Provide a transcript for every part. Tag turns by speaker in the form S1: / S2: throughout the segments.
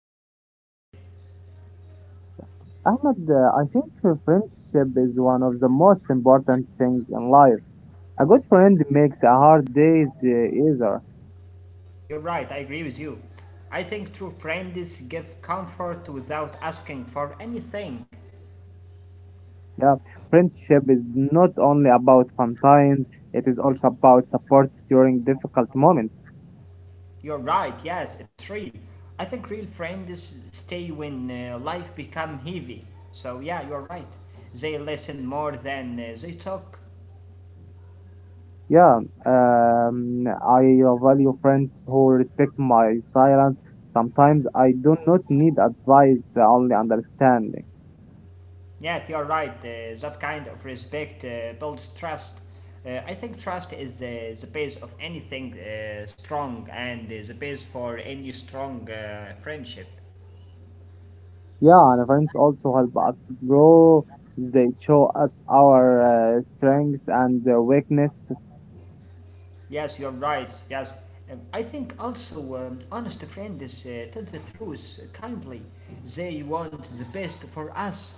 S1: to talk to you today.
S2: Ahmed, I think friendship is one of the most important things in life. A good friend makes a hard day easier.
S1: You're right, I agree with you. I think true friends give comfort without asking for anything.
S2: Yeah, friendship is not only about fun times; it is also about support during difficult moments.
S1: You're right, yes, it's real. I think real friends stay when life become heavy. So yeah, you're right. They listen more than they talk.
S2: Yeah, um, I value friends who respect my silence. Sometimes I do not need advice, only understanding.
S1: Yes, you're right. That kind of respect builds trust. I think trust is the base of anything strong and the base for any strong friendship.
S2: Yeah, and friends also help us grow. They show us our strengths and weaknesses.
S1: Yes, you're right. Yes. I think also honest friend is tell the truth kindly. They want the best for us.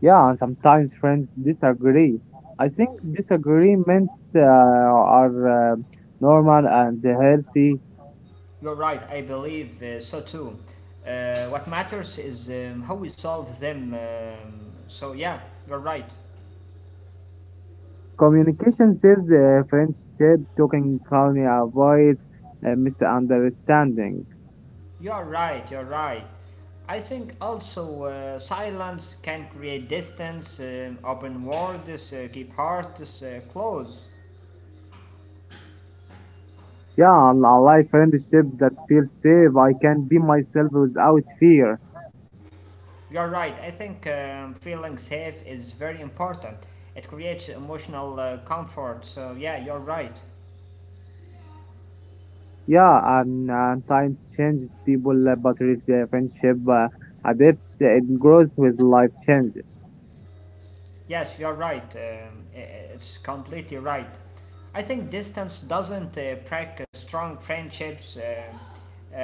S2: Yeah, and sometimes friends disagree. I think disagreements are normal and healthy.
S1: You're right. I believe so too. What matters is how we solve them. So yeah, you're right.
S2: Communication saves the friendship. Talking calmly avoids misunderstandings.
S1: You're right, you're right. I think also silence can create distance, open words, keep hearts close.
S2: Yeah, and I like friendships that feel safe. I can be myself without fear.
S1: You're right, I think feeling safe is very important. It creates emotional comfort, so yeah, you're right.
S2: Yeah, and time changes people, but rich friendship adapts. It grows with life change.
S1: Yes, you're right. It's completely right. I think distance doesn't break strong friendships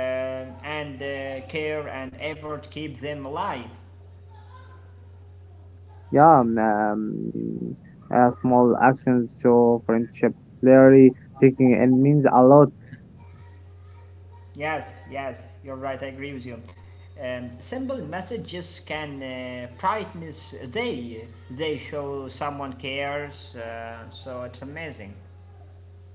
S1: and care and effort keep them alive.
S2: Yeah, small actions show friendship clearly. Checking in means a lot.
S1: Yes, yes, you're right. I agree with you. Simple messages can brightness a day. They show someone cares, so it's amazing.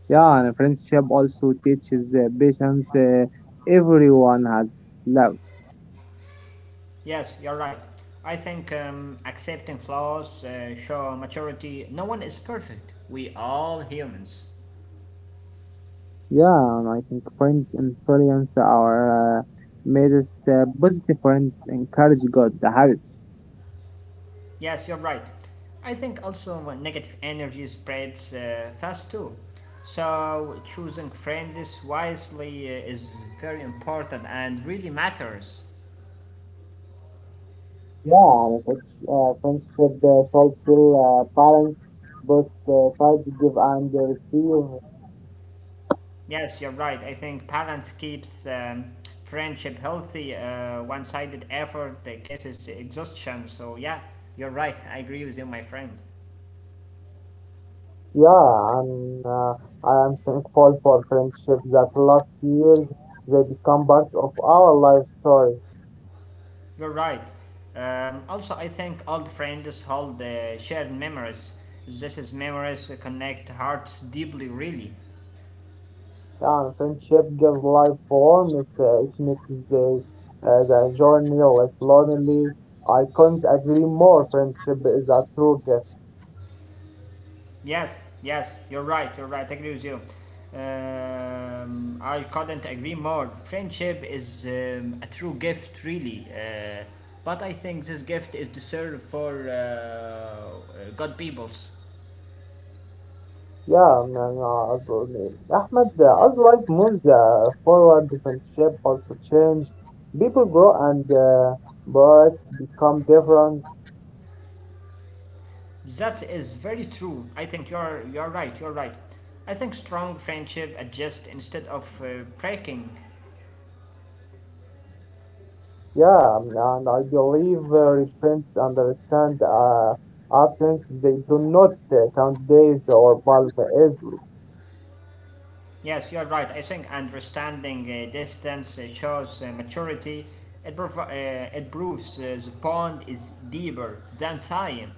S2: Yeah, and friendship also teaches patience. Everyone has loves.
S1: Yes, you're right. I think accepting flaws show maturity. No one is perfect. We all humans.
S2: Yeah, and I think friends influence our made us positive friends encourage good habits.
S1: Yes, you're right. I think also negative energy spreads fast too. So choosing friends wisely is very important and really matters.
S2: Yeah, it's friendship should feel balanced. Both sides give and receive.
S1: Yes, you're right. I think balance keeps friendship healthy. One-sided effort causes exhaustion. So yeah, you're right. I agree with you, my friend.
S2: Yeah, and I am thankful for friendship that last years. They become part of our life story.
S1: You're right. Also, I think old friends hold shared memories. This is memories connect hearts deeply, really.
S2: Yeah, and friendship gives life warmth. It makes the journey less lonely. I couldn't agree more. Friendship is a true gift.
S1: Yes, yes, you're right, I agree with you. I couldn't agree more. Friendship is a true gift, really. But I think this gift is deserved for good peoples.
S2: Yeah, man, as well, man. Ahmed, as life moves forward, friendship also change. People grow and birds become different.
S1: That is very true. I think you're right. You're right. I think strong friendship adjust instead of breaking.
S2: Yeah, and I believe friends understand absence. They do not count days or bulb is.
S1: Yes, you're right. I think understanding distance shows maturity. It proves the bond is deeper than time.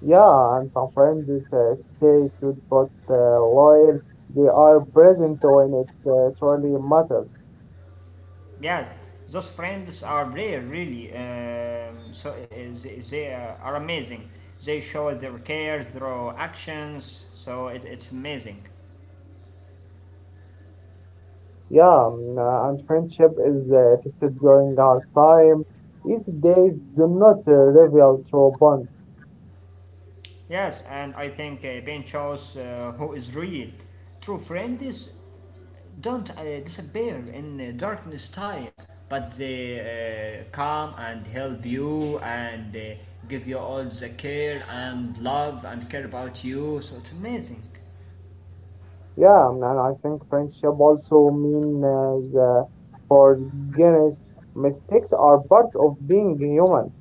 S2: Yeah, and some friends stay good but loyal. They are present when it truly matters.
S1: Yes, those friends are rare, really. So they, they are amazing. They show their care through actions, so it's amazing.
S2: Yeah, and friendship is tested during hard time. These days do not reveal true bonds.
S1: Yes, and I think Ben shows who is real. True friend is don't disappear in darkness time, but they come and help you and give you all the care and love and care about you. So it's amazing.
S2: Yeah, and I think friendship also means the forgiveness. Mistakes are part of being human.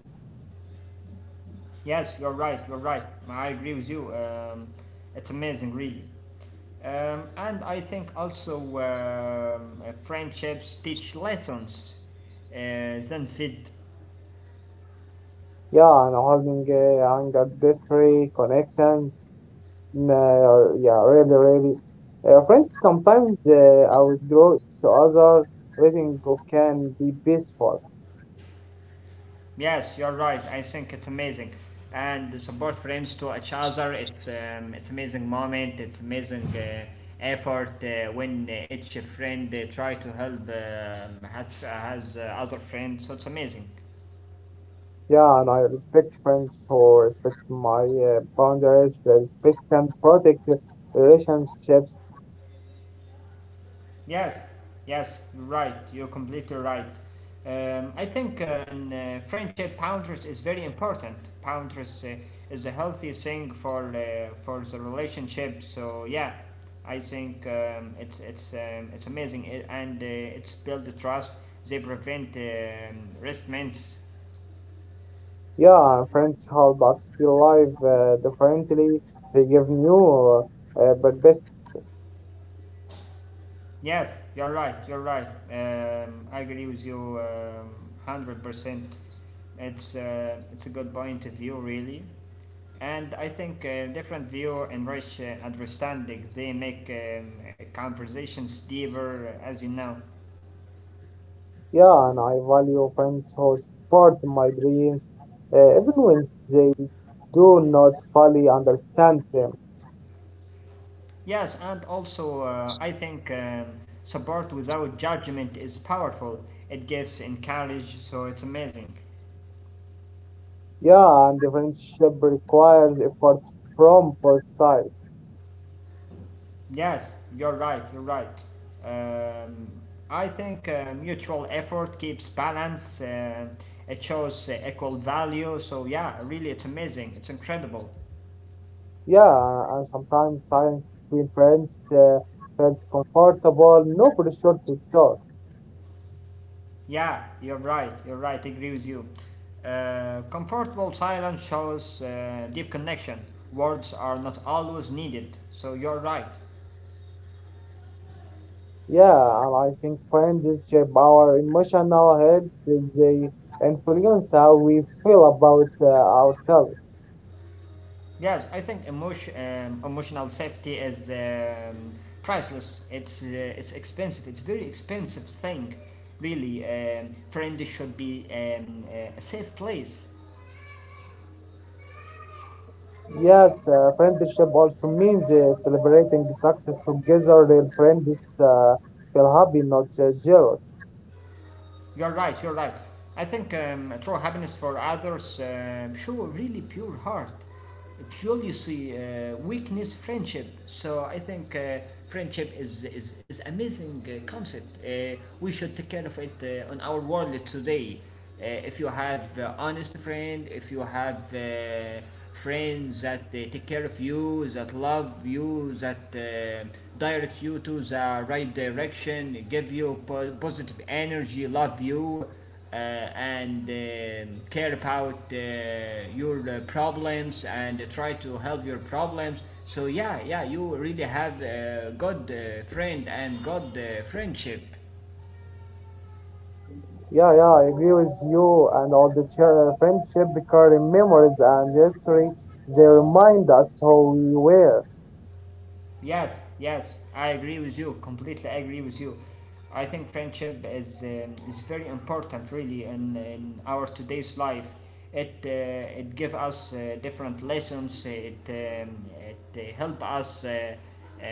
S1: Yes, you're right. You're right. I agree with you. It's amazing, really. And I think also friendships teach lessons uh, than fit.
S2: Yeah, and holding anger, distress, connections. Yeah, really, really. Friends sometimes outgrow each other. Letting go can be peaceful.
S1: Yes, you're right. I think it's amazing, and support friends to each other. It's amazing moment. It's amazing effort when each friend try to help has other friends. So it's amazing.
S2: Yeah, and I respect friends who respect my boundaries. They respect and protect relationships.
S1: Yes, yes, right. You're completely right. I think in friendship, boundaries is very important. Boundaries is a healthy thing for the relationship. So yeah, I think it's amazing, and it's build the trust. They prevent resentments.
S2: Yeah, friends help us see life differently. They give new but best.
S1: Yes, you're right. You're right. I agree with you 100%. It's a good point of view, really, and I think different view enrich understanding. They make conversations deeper, as you know.
S2: Yeah, and I value friends who support my dreams, even when they do not fully understand them.
S1: Yes, and also I think support without judgment is powerful. It gives encourage, so it's amazing.
S2: Yeah, and the friendship requires effort from both sides.
S1: Yes, you're right, you're right. Um, I think mutual effort keeps balance, it shows equal value, so yeah, really it's amazing, it's incredible.
S2: Yeah, and sometimes silence between friends feels comfortable, no pressure to talk.
S1: Yeah, you're right, I agree with you. Comfortable silence shows deep connection. Words are not always needed, so you're right.
S2: Yeah, and I think friends shape our emotional health. They influence how we feel about ourselves.
S1: Yes, I think emotional safety is priceless. It's expensive. It's very expensive thing, really. Friends should be a safe place.
S2: Yes, friendship also means celebrating success together. Real friends feel happy, not jealous.
S1: You're right, you're right. I think true happiness for others show a really pure heart. Jealousy weakness friendship. So I think friendship is amazing concept. We should take care of it on our world today. If you have honest friend, if you have friends that take care of you, that love you, that direct you to the right direction, give you positive energy, love you, and care about your problems and try to help your problems. So, yeah, yeah, you really have a good friend and good friendship.
S2: Yeah, yeah, I agree with you. And all the friendship recurring memories and history. They remind us who we were.
S1: Yes, yes, I agree with you. Completely agree with you. I think friendship is very important, really, in our today's life. It give us different lessons. It help us.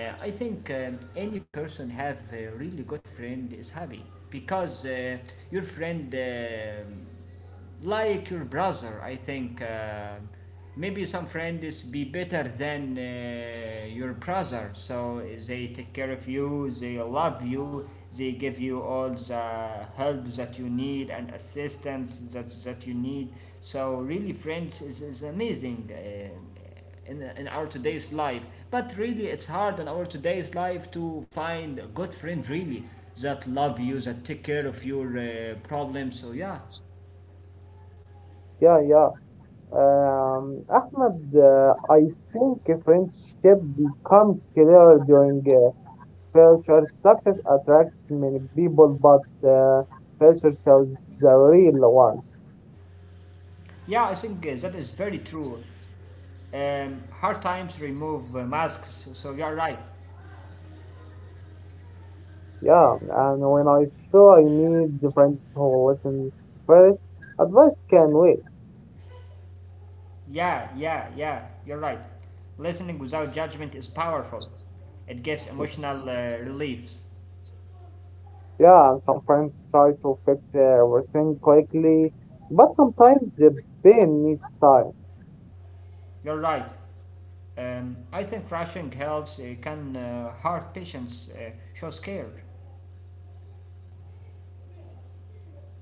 S1: uh, I think any person have a really good friend is happy because your friend like your brother, I think. Maybe some friends be better than your brother, so they take care of you, they love you, they give you all the help that you need and assistance that you need. So, really, friends is amazing. In in our today's life. But really, it's hard in our today's life to find a good friend, really, that love you, that take care of your problems. So, yeah.
S2: Yeah, yeah. Ahmed, I think a friendship become clearer during culture. Success attracts many people, but culture shows the real ones.
S1: Yeah, I think that is very true. Hard times remove masks, so you're right.
S2: Yeah, and when I feel I need the friends who listen first, advice can wait.
S1: Yeah, you're right. Listening without judgment is powerful. It gives emotional reliefs.
S2: Yeah, and some friends try to fix everything quickly, but sometimes the pain needs time.
S1: You're right. I think rushing helps can hurt patients shows care.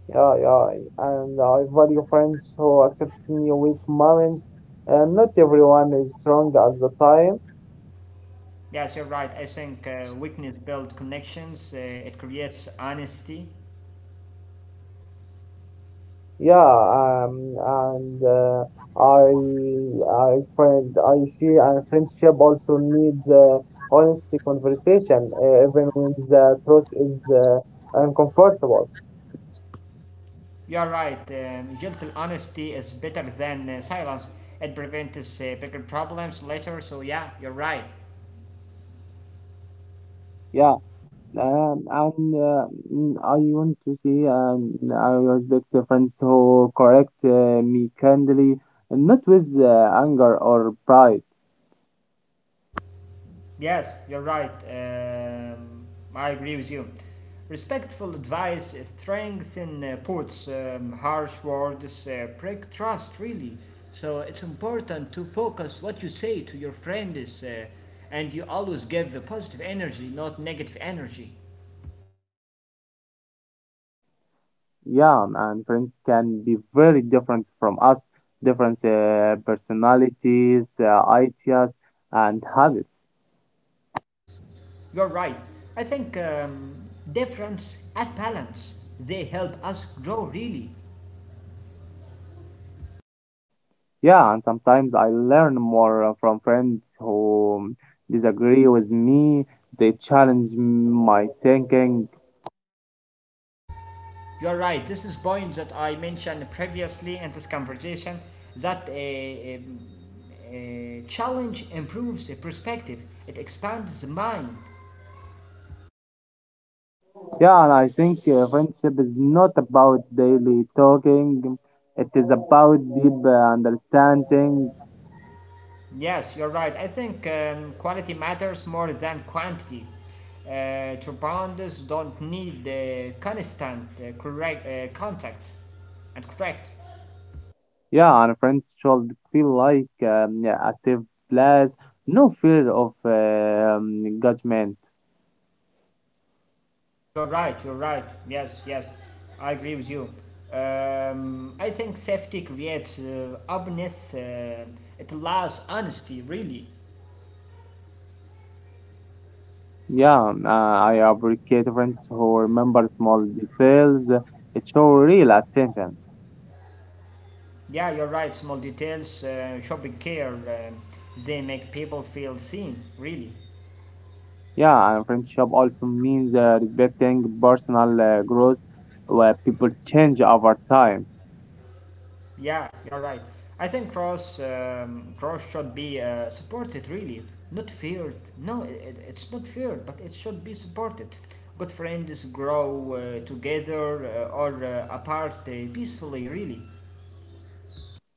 S2: Yeah, yeah, and I value friends who accept me weak moments, and not everyone is strong at the time.
S1: Yes, you're right. I think weakness builds connections. It creates honesty.
S2: Yeah, and I, I find I see, and friendship also needs honest conversation, even when the truth is uncomfortable.
S1: You're right. Gentle honesty is better than silence. It prevents bigger problems later. So yeah, you're right.
S2: Yeah. And I want to see and I respect the friends who correct me kindly, not with anger or pride.
S1: Yes, you're right. I agree with you. Respectful advice strengthens puts harsh words break trust. Really, so it's important to focus what you say to your friends, and you always give the positive energy, not negative energy.
S2: Yeah, and friends can be very different from us, different personalities, ideas, and habits.
S1: You're right. I think difference and balance they help us grow really.
S2: Yeah, and sometimes I learn more from friends who disagree with me. They challenge my thinking.
S1: You're right. This is point that I mentioned previously in this conversation that a challenge improves the perspective. It expands the mind.
S2: Yeah, and I think friendship is not about daily talking. It is about deep understanding.
S1: Yes, you're right. I think quality matters more than quantity. Turbines don't need constant correct contact and correct.
S2: Yeah, and friends should feel like yeah, a safe place, no fear of judgment.
S1: You're right, you're right. Yes, yes, I agree with you. I think safety creates openness, it allows honesty, really.
S2: Yeah, I appreciate friends who remember small details. It shows real attention.
S1: Yeah, you're right, small details, shopping care, they make people feel seen, really.
S2: Yeah, and friendship also means respecting personal growth where people change over time.
S1: Yeah, you're right. I think cross should be supported really, not feared. No, it's not feared, but it should be supported. Good friends grow together or apart peacefully, really.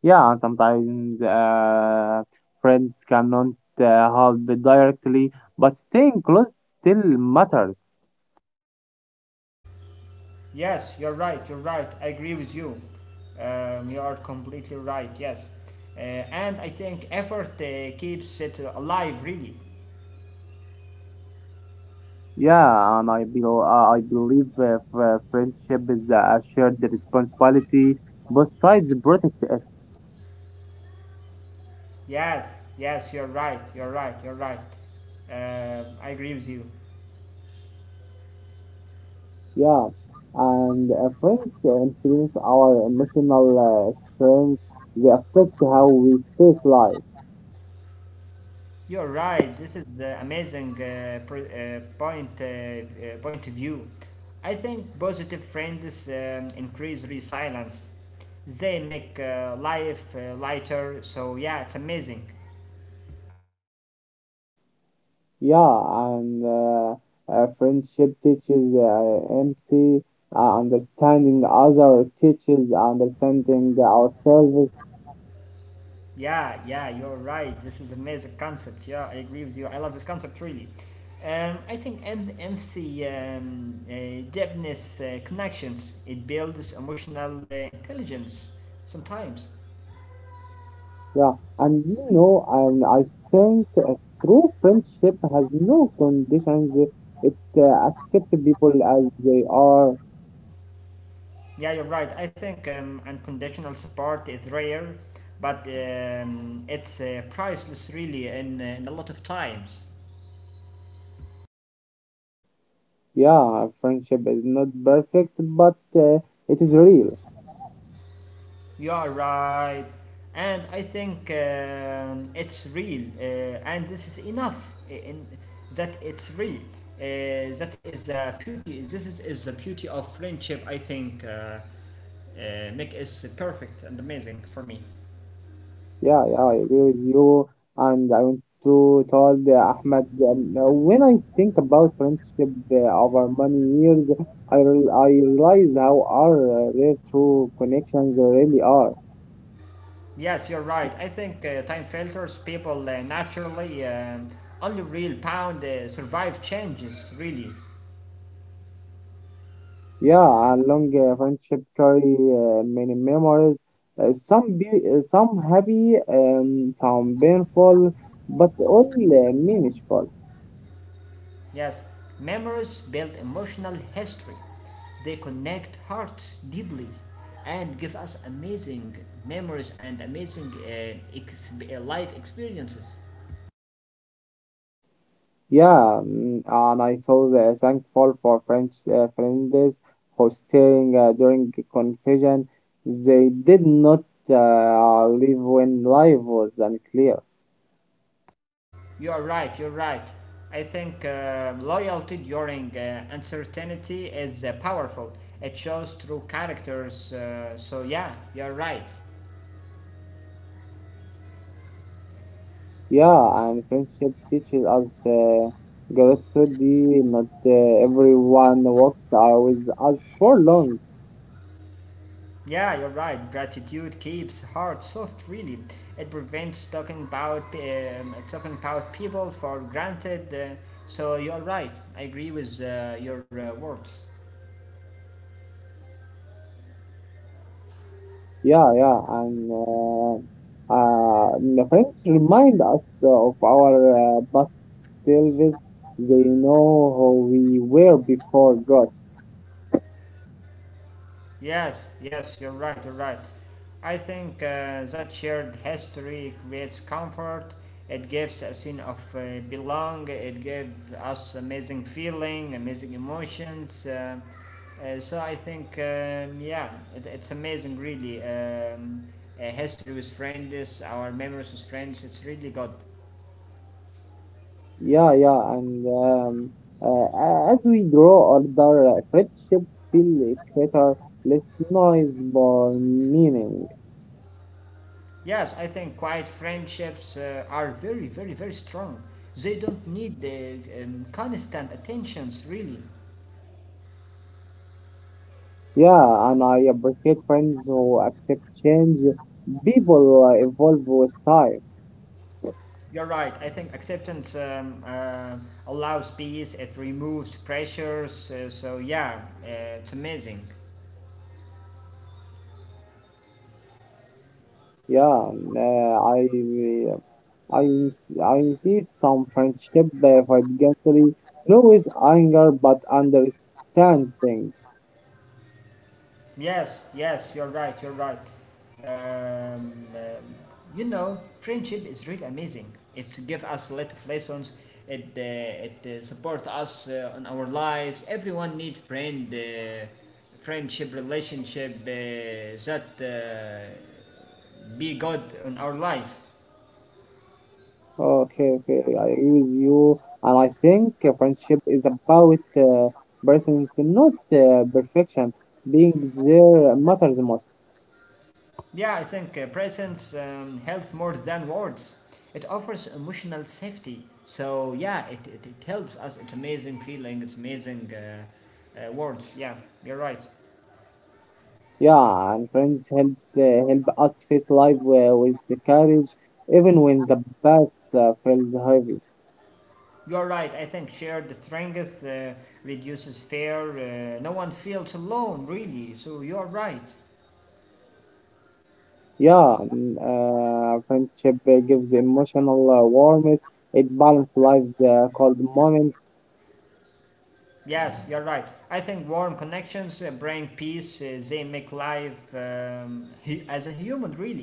S2: Yeah, sometimes friends cannot help it directly, but staying close still matters.
S1: Yes, you're right. You're right. I agree with you. You are completely right. Yes, and I think effort keeps it alive, really.
S2: Yeah, and I believe friendship is a shared responsibility. Both sides protect it.
S1: Yes, yes, you're right. You're right. You're right. Um, I agree with you.
S2: Yeah, and friends influence our emotional strength. They affect how we face life.
S1: You're right. This is the amazing point of view. I think positive friends increase resilience. They make life lighter. So yeah, it's amazing.
S2: Yeah, and friendship teaches empathy, understanding other teaches understanding ourselves.
S1: Yeah, you're right. This is amazing concept. Yeah, I agree with you. I love this concept really. I think MC depthness connections it builds emotional intelligence sometimes.
S2: Yeah, and I think a true friendship has no conditions. It accepts people as they are.
S1: Yeah, you're right. I think unconditional support is rare, but it's priceless really in a lot of times.
S2: Yeah, friendship is not perfect, but it is real.
S1: You are right. And I think it's real. And this is enough in that it's real. That is the beauty. This is the beauty of friendship, I think. Make is perfect and amazing for me.
S2: Yeah, yeah, I agree with you. And I want to tell the Ahmed, when I think about friendship over many years, I realize how our rare true connections really are.
S1: Yes, you're right. I think time filters people naturally. Only real pound survive changes, really.
S2: Yeah, a long friendship carry many memories. Some be some happy, some painful, but all meaningful.
S1: Yes, memories build emotional history. They connect hearts deeply and give us amazing memories and amazing life experiences.
S2: Yeah, and I feel thankful for French friends for staying during the confusion. They did not leave when life was unclear.
S1: You are right, you're right. I think loyalty during uncertainty is powerful. It shows true characters. So, yeah, you're right.
S2: Yeah, and friendship teaches us gratitude. Not everyone walks with us for long.
S1: Yeah, you're right. Gratitude keeps heart soft. Really, it prevents talking about people for granted. So you're right. I agree with your words.
S2: Yeah, yeah, and the friends remind us of our past Elvis. They know who we were before God.
S1: Yes, yes, you're right, you're right. I think that shared history creates comfort, it gives a sense of belong, it gives us amazing feeling, amazing emotions. So I think, yeah, it's amazing really. History with friends, our memories with friends, it's really good.
S2: Yeah, yeah, and as we grow older, friendship feel greater, less noise, more meaning.
S1: Yes, I think quiet friendships are very, very, very strong. They don't need the constant attentions really.
S2: Yeah, and I appreciate friends who accept change. People evolve with time.
S1: You're right. I think acceptance allows peace, it removes pressures. Yeah, it's amazing.
S2: Yeah, I see some friendship for against no with anger but understanding.
S1: Yes, yes, you're right, you're right. Um, um, you know, friendship is really amazing. It's give us a lot of lessons. It support us on our lives. Everyone need friend, friendship, relationship that be good on our life.
S2: Okay, okay, I agree with you. And I think friendship is about presence, not perfection. Being there matters the most.
S1: Yeah, I think presence helps more than words. It offers emotional safety. So, yeah, it helps us. It's amazing feeling, it's amazing words. Yeah, you're right.
S2: Yeah, and friends help us face life with the courage, even when the past feels heavy.
S1: You're right. I think shared strength reduces fear. No one feels alone, really. So, you're right.
S2: Yeah, friendship gives emotional warmth. It balances life's cold moments.
S1: Yes, you're right. I think warm connections bring peace, they make life hu- as a human, really.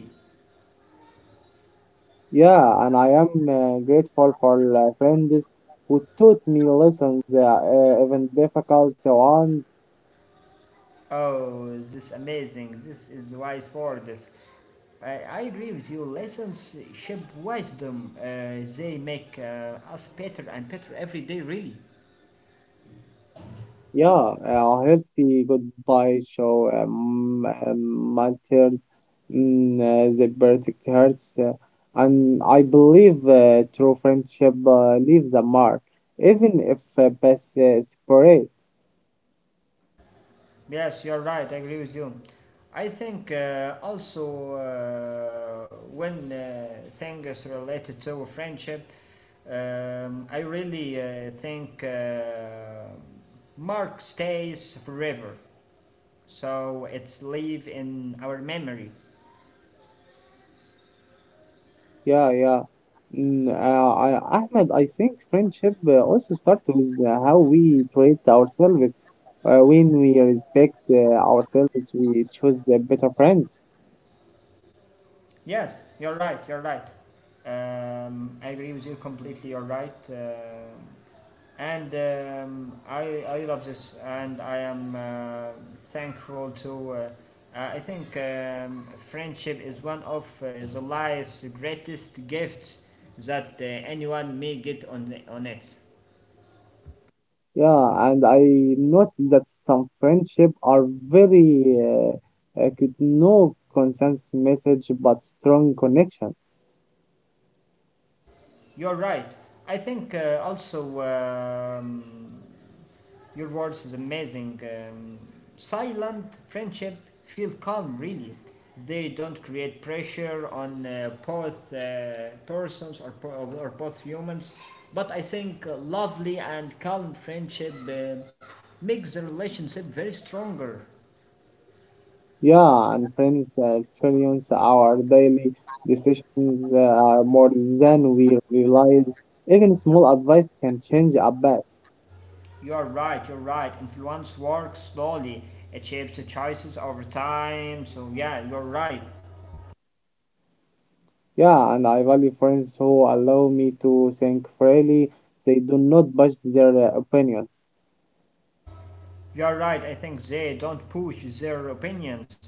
S2: Yeah, and I am grateful for friends who taught me lessons, even difficult ones.
S1: Oh, this amazing. This is wise for this. I agree with you. Lessons, relationship wisdom, they make us better and better every day, really.
S2: Yeah, a healthy goodbye show matters, the perfect hurts. And I believe true friendship leaves a mark, even if paths separate.
S1: Yes, you're right. I agree with you. I think also when things related to friendship, I really think Mark stays forever. So it's live in our memory.
S2: Yeah, yeah. Mm, uh, Ahmed, I think friendship also starts with how we treat ourselves. When we respect ourselves, we choose the better friends.
S1: Yes, you're right. You're right. I agree with you completely. You're right. And I love this, and I am thankful to. I think friendship is one of the life's greatest gifts that anyone may get on on it.
S2: Yeah, and I noticed that some friendship are very could no consensus message but strong connection.
S1: You're right. I think also your words is amazing. Silent friendship feel calm really. They don't create pressure on both persons or, po- or both humans. But I think lovely and calm friendship makes the relationship very stronger.
S2: Yeah, and friends influence our daily decisions more than we realize. Even small advice can change a bet.
S1: You are right, you're right. Influence works slowly. It shapes the choices over time. So yeah, you're right.
S2: Yeah, and I value friends who allow me to think freely. They do not judge their opinions.
S1: You're right. I think they don't push their opinions.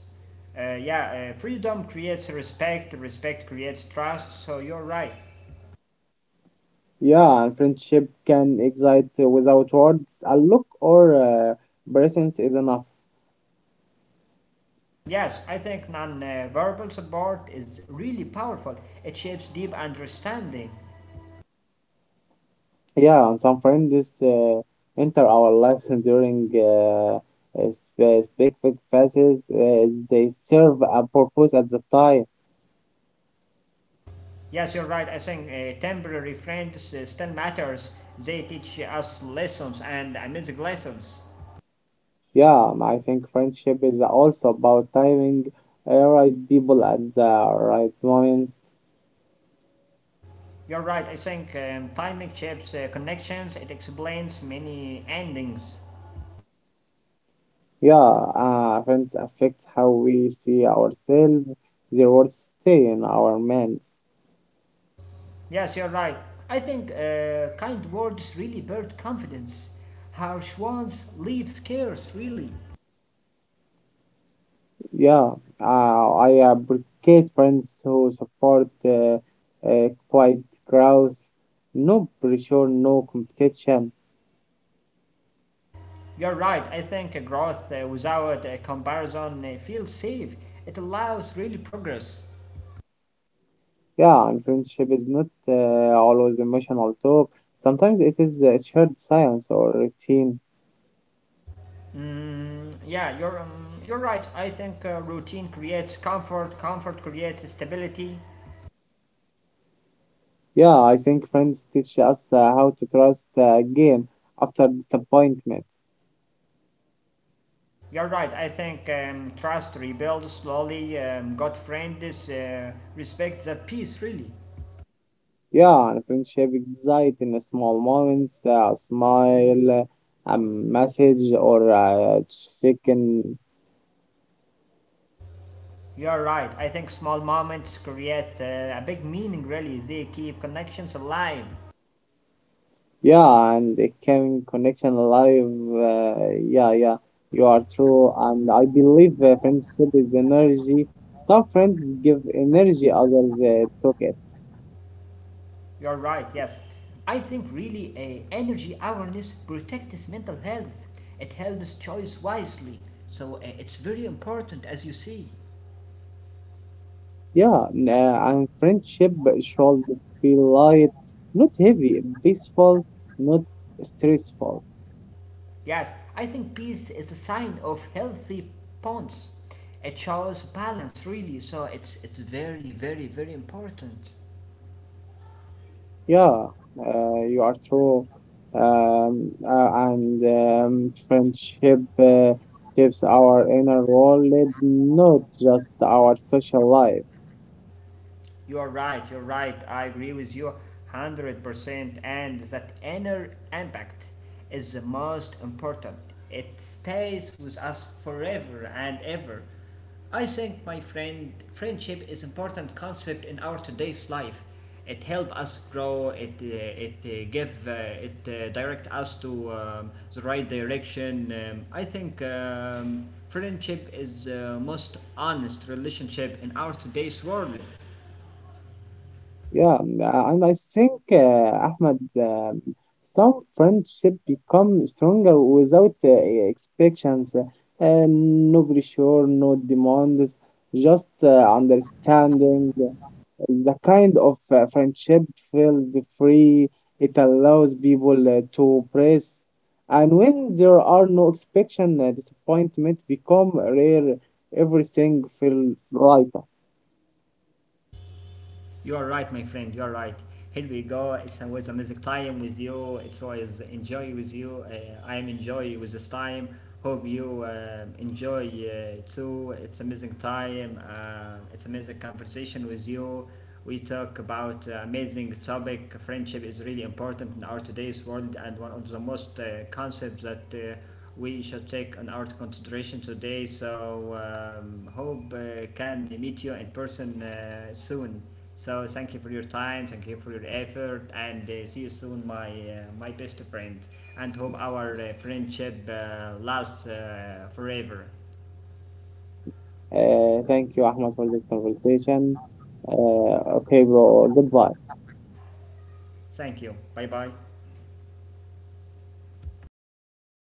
S1: Yeah, Freedom creates respect, respect creates trust, so you're right.
S2: Yeah, and friendship can excite without words. A look or presence is enough.
S1: Yes, I think non verbal support is really powerful. It shapes deep understanding.
S2: Yeah, and some friends uh, enter our lives during specific phases. They serve a purpose at the time.
S1: Yes, you're right. I think temporary friends still matters. They teach us lessons and amazing lessons.
S2: Yeah, and I think friendship is also about timing, right people at the right moment.
S1: You're right. I think timing shapes connections. It explains many endings.
S2: Yeah, friends affect how we see ourselves. Their words stay in our minds.
S1: Yes, you're right. I think kind words really build confidence. Harsh ones leave scarce, really.
S2: Yeah, I appreciate friends who support quiet growth. No pressure, no competition.
S1: You're right. I think growth without comparison feels safe. It allows really progress.
S2: Yeah, and friendship is not always emotional talk. Sometimes it is a shared science or routine.
S1: Mm, yeah, you're right. I think routine creates comfort. Comfort creates stability.
S2: Yeah, I think friends teach us how to trust again after disappointment.
S1: You're right. I think trust rebuilds slowly. God friend respect that peace really.
S2: Yeah, and friendship exists in a small moments, a smile, a message, or a chicken.
S1: You're right. I think small moments create a big meaning, really. They keep connections alive.
S2: Yeah, and it can connection alive. Yeah, yeah, you are true. And I believe friendship is energy. Some friends give energy, others took it.
S1: You're right, yes. I think really energy awareness protects mental health. It helps choice wisely. So it's very important, as you see.
S2: Yeah, and friendship should be light, not heavy, peaceful, not stressful.
S1: Yes, I think peace is a sign of healthy bonds. It shows balance, really. So it's very, very, very important.
S2: Yeah, you are true. And friendship shapes our inner world, not just our social life.
S1: You are right, you're right. I agree with you 100%. And that inner impact is the most important. It stays with us forever and ever. I think, my friend, friendship is important concept in our today's life. It help us grow. It direct us to the right direction. I think friendship is the most honest relationship in our today's world.
S2: Yeah, and I think, Ahmed, some friendship become stronger without expectations, no pressure, no demands, just understanding. The kind of friendship feels free. It allows people to press, and when there are no expectations, disappointment become rare. Everything feels lighter.
S1: You are right, my friend. You are right. Here we go. It's always amazing time with you. It's always enjoy with you. I am enjoy with this time. Hope you enjoy too. It's amazing time. It's amazing conversation with you. We talk about amazing topic. Friendship is really important in our today's world and one of the most concepts that we should take on our consideration today. So hope can meet you in person soon. So thank you for your time, thank you for your effort, and see you soon, my best friend, and hope our friendship lasts forever.
S2: Thank you, Ahmad, for this conversation. Okay, bro. Goodbye.
S1: Thank you. Bye bye.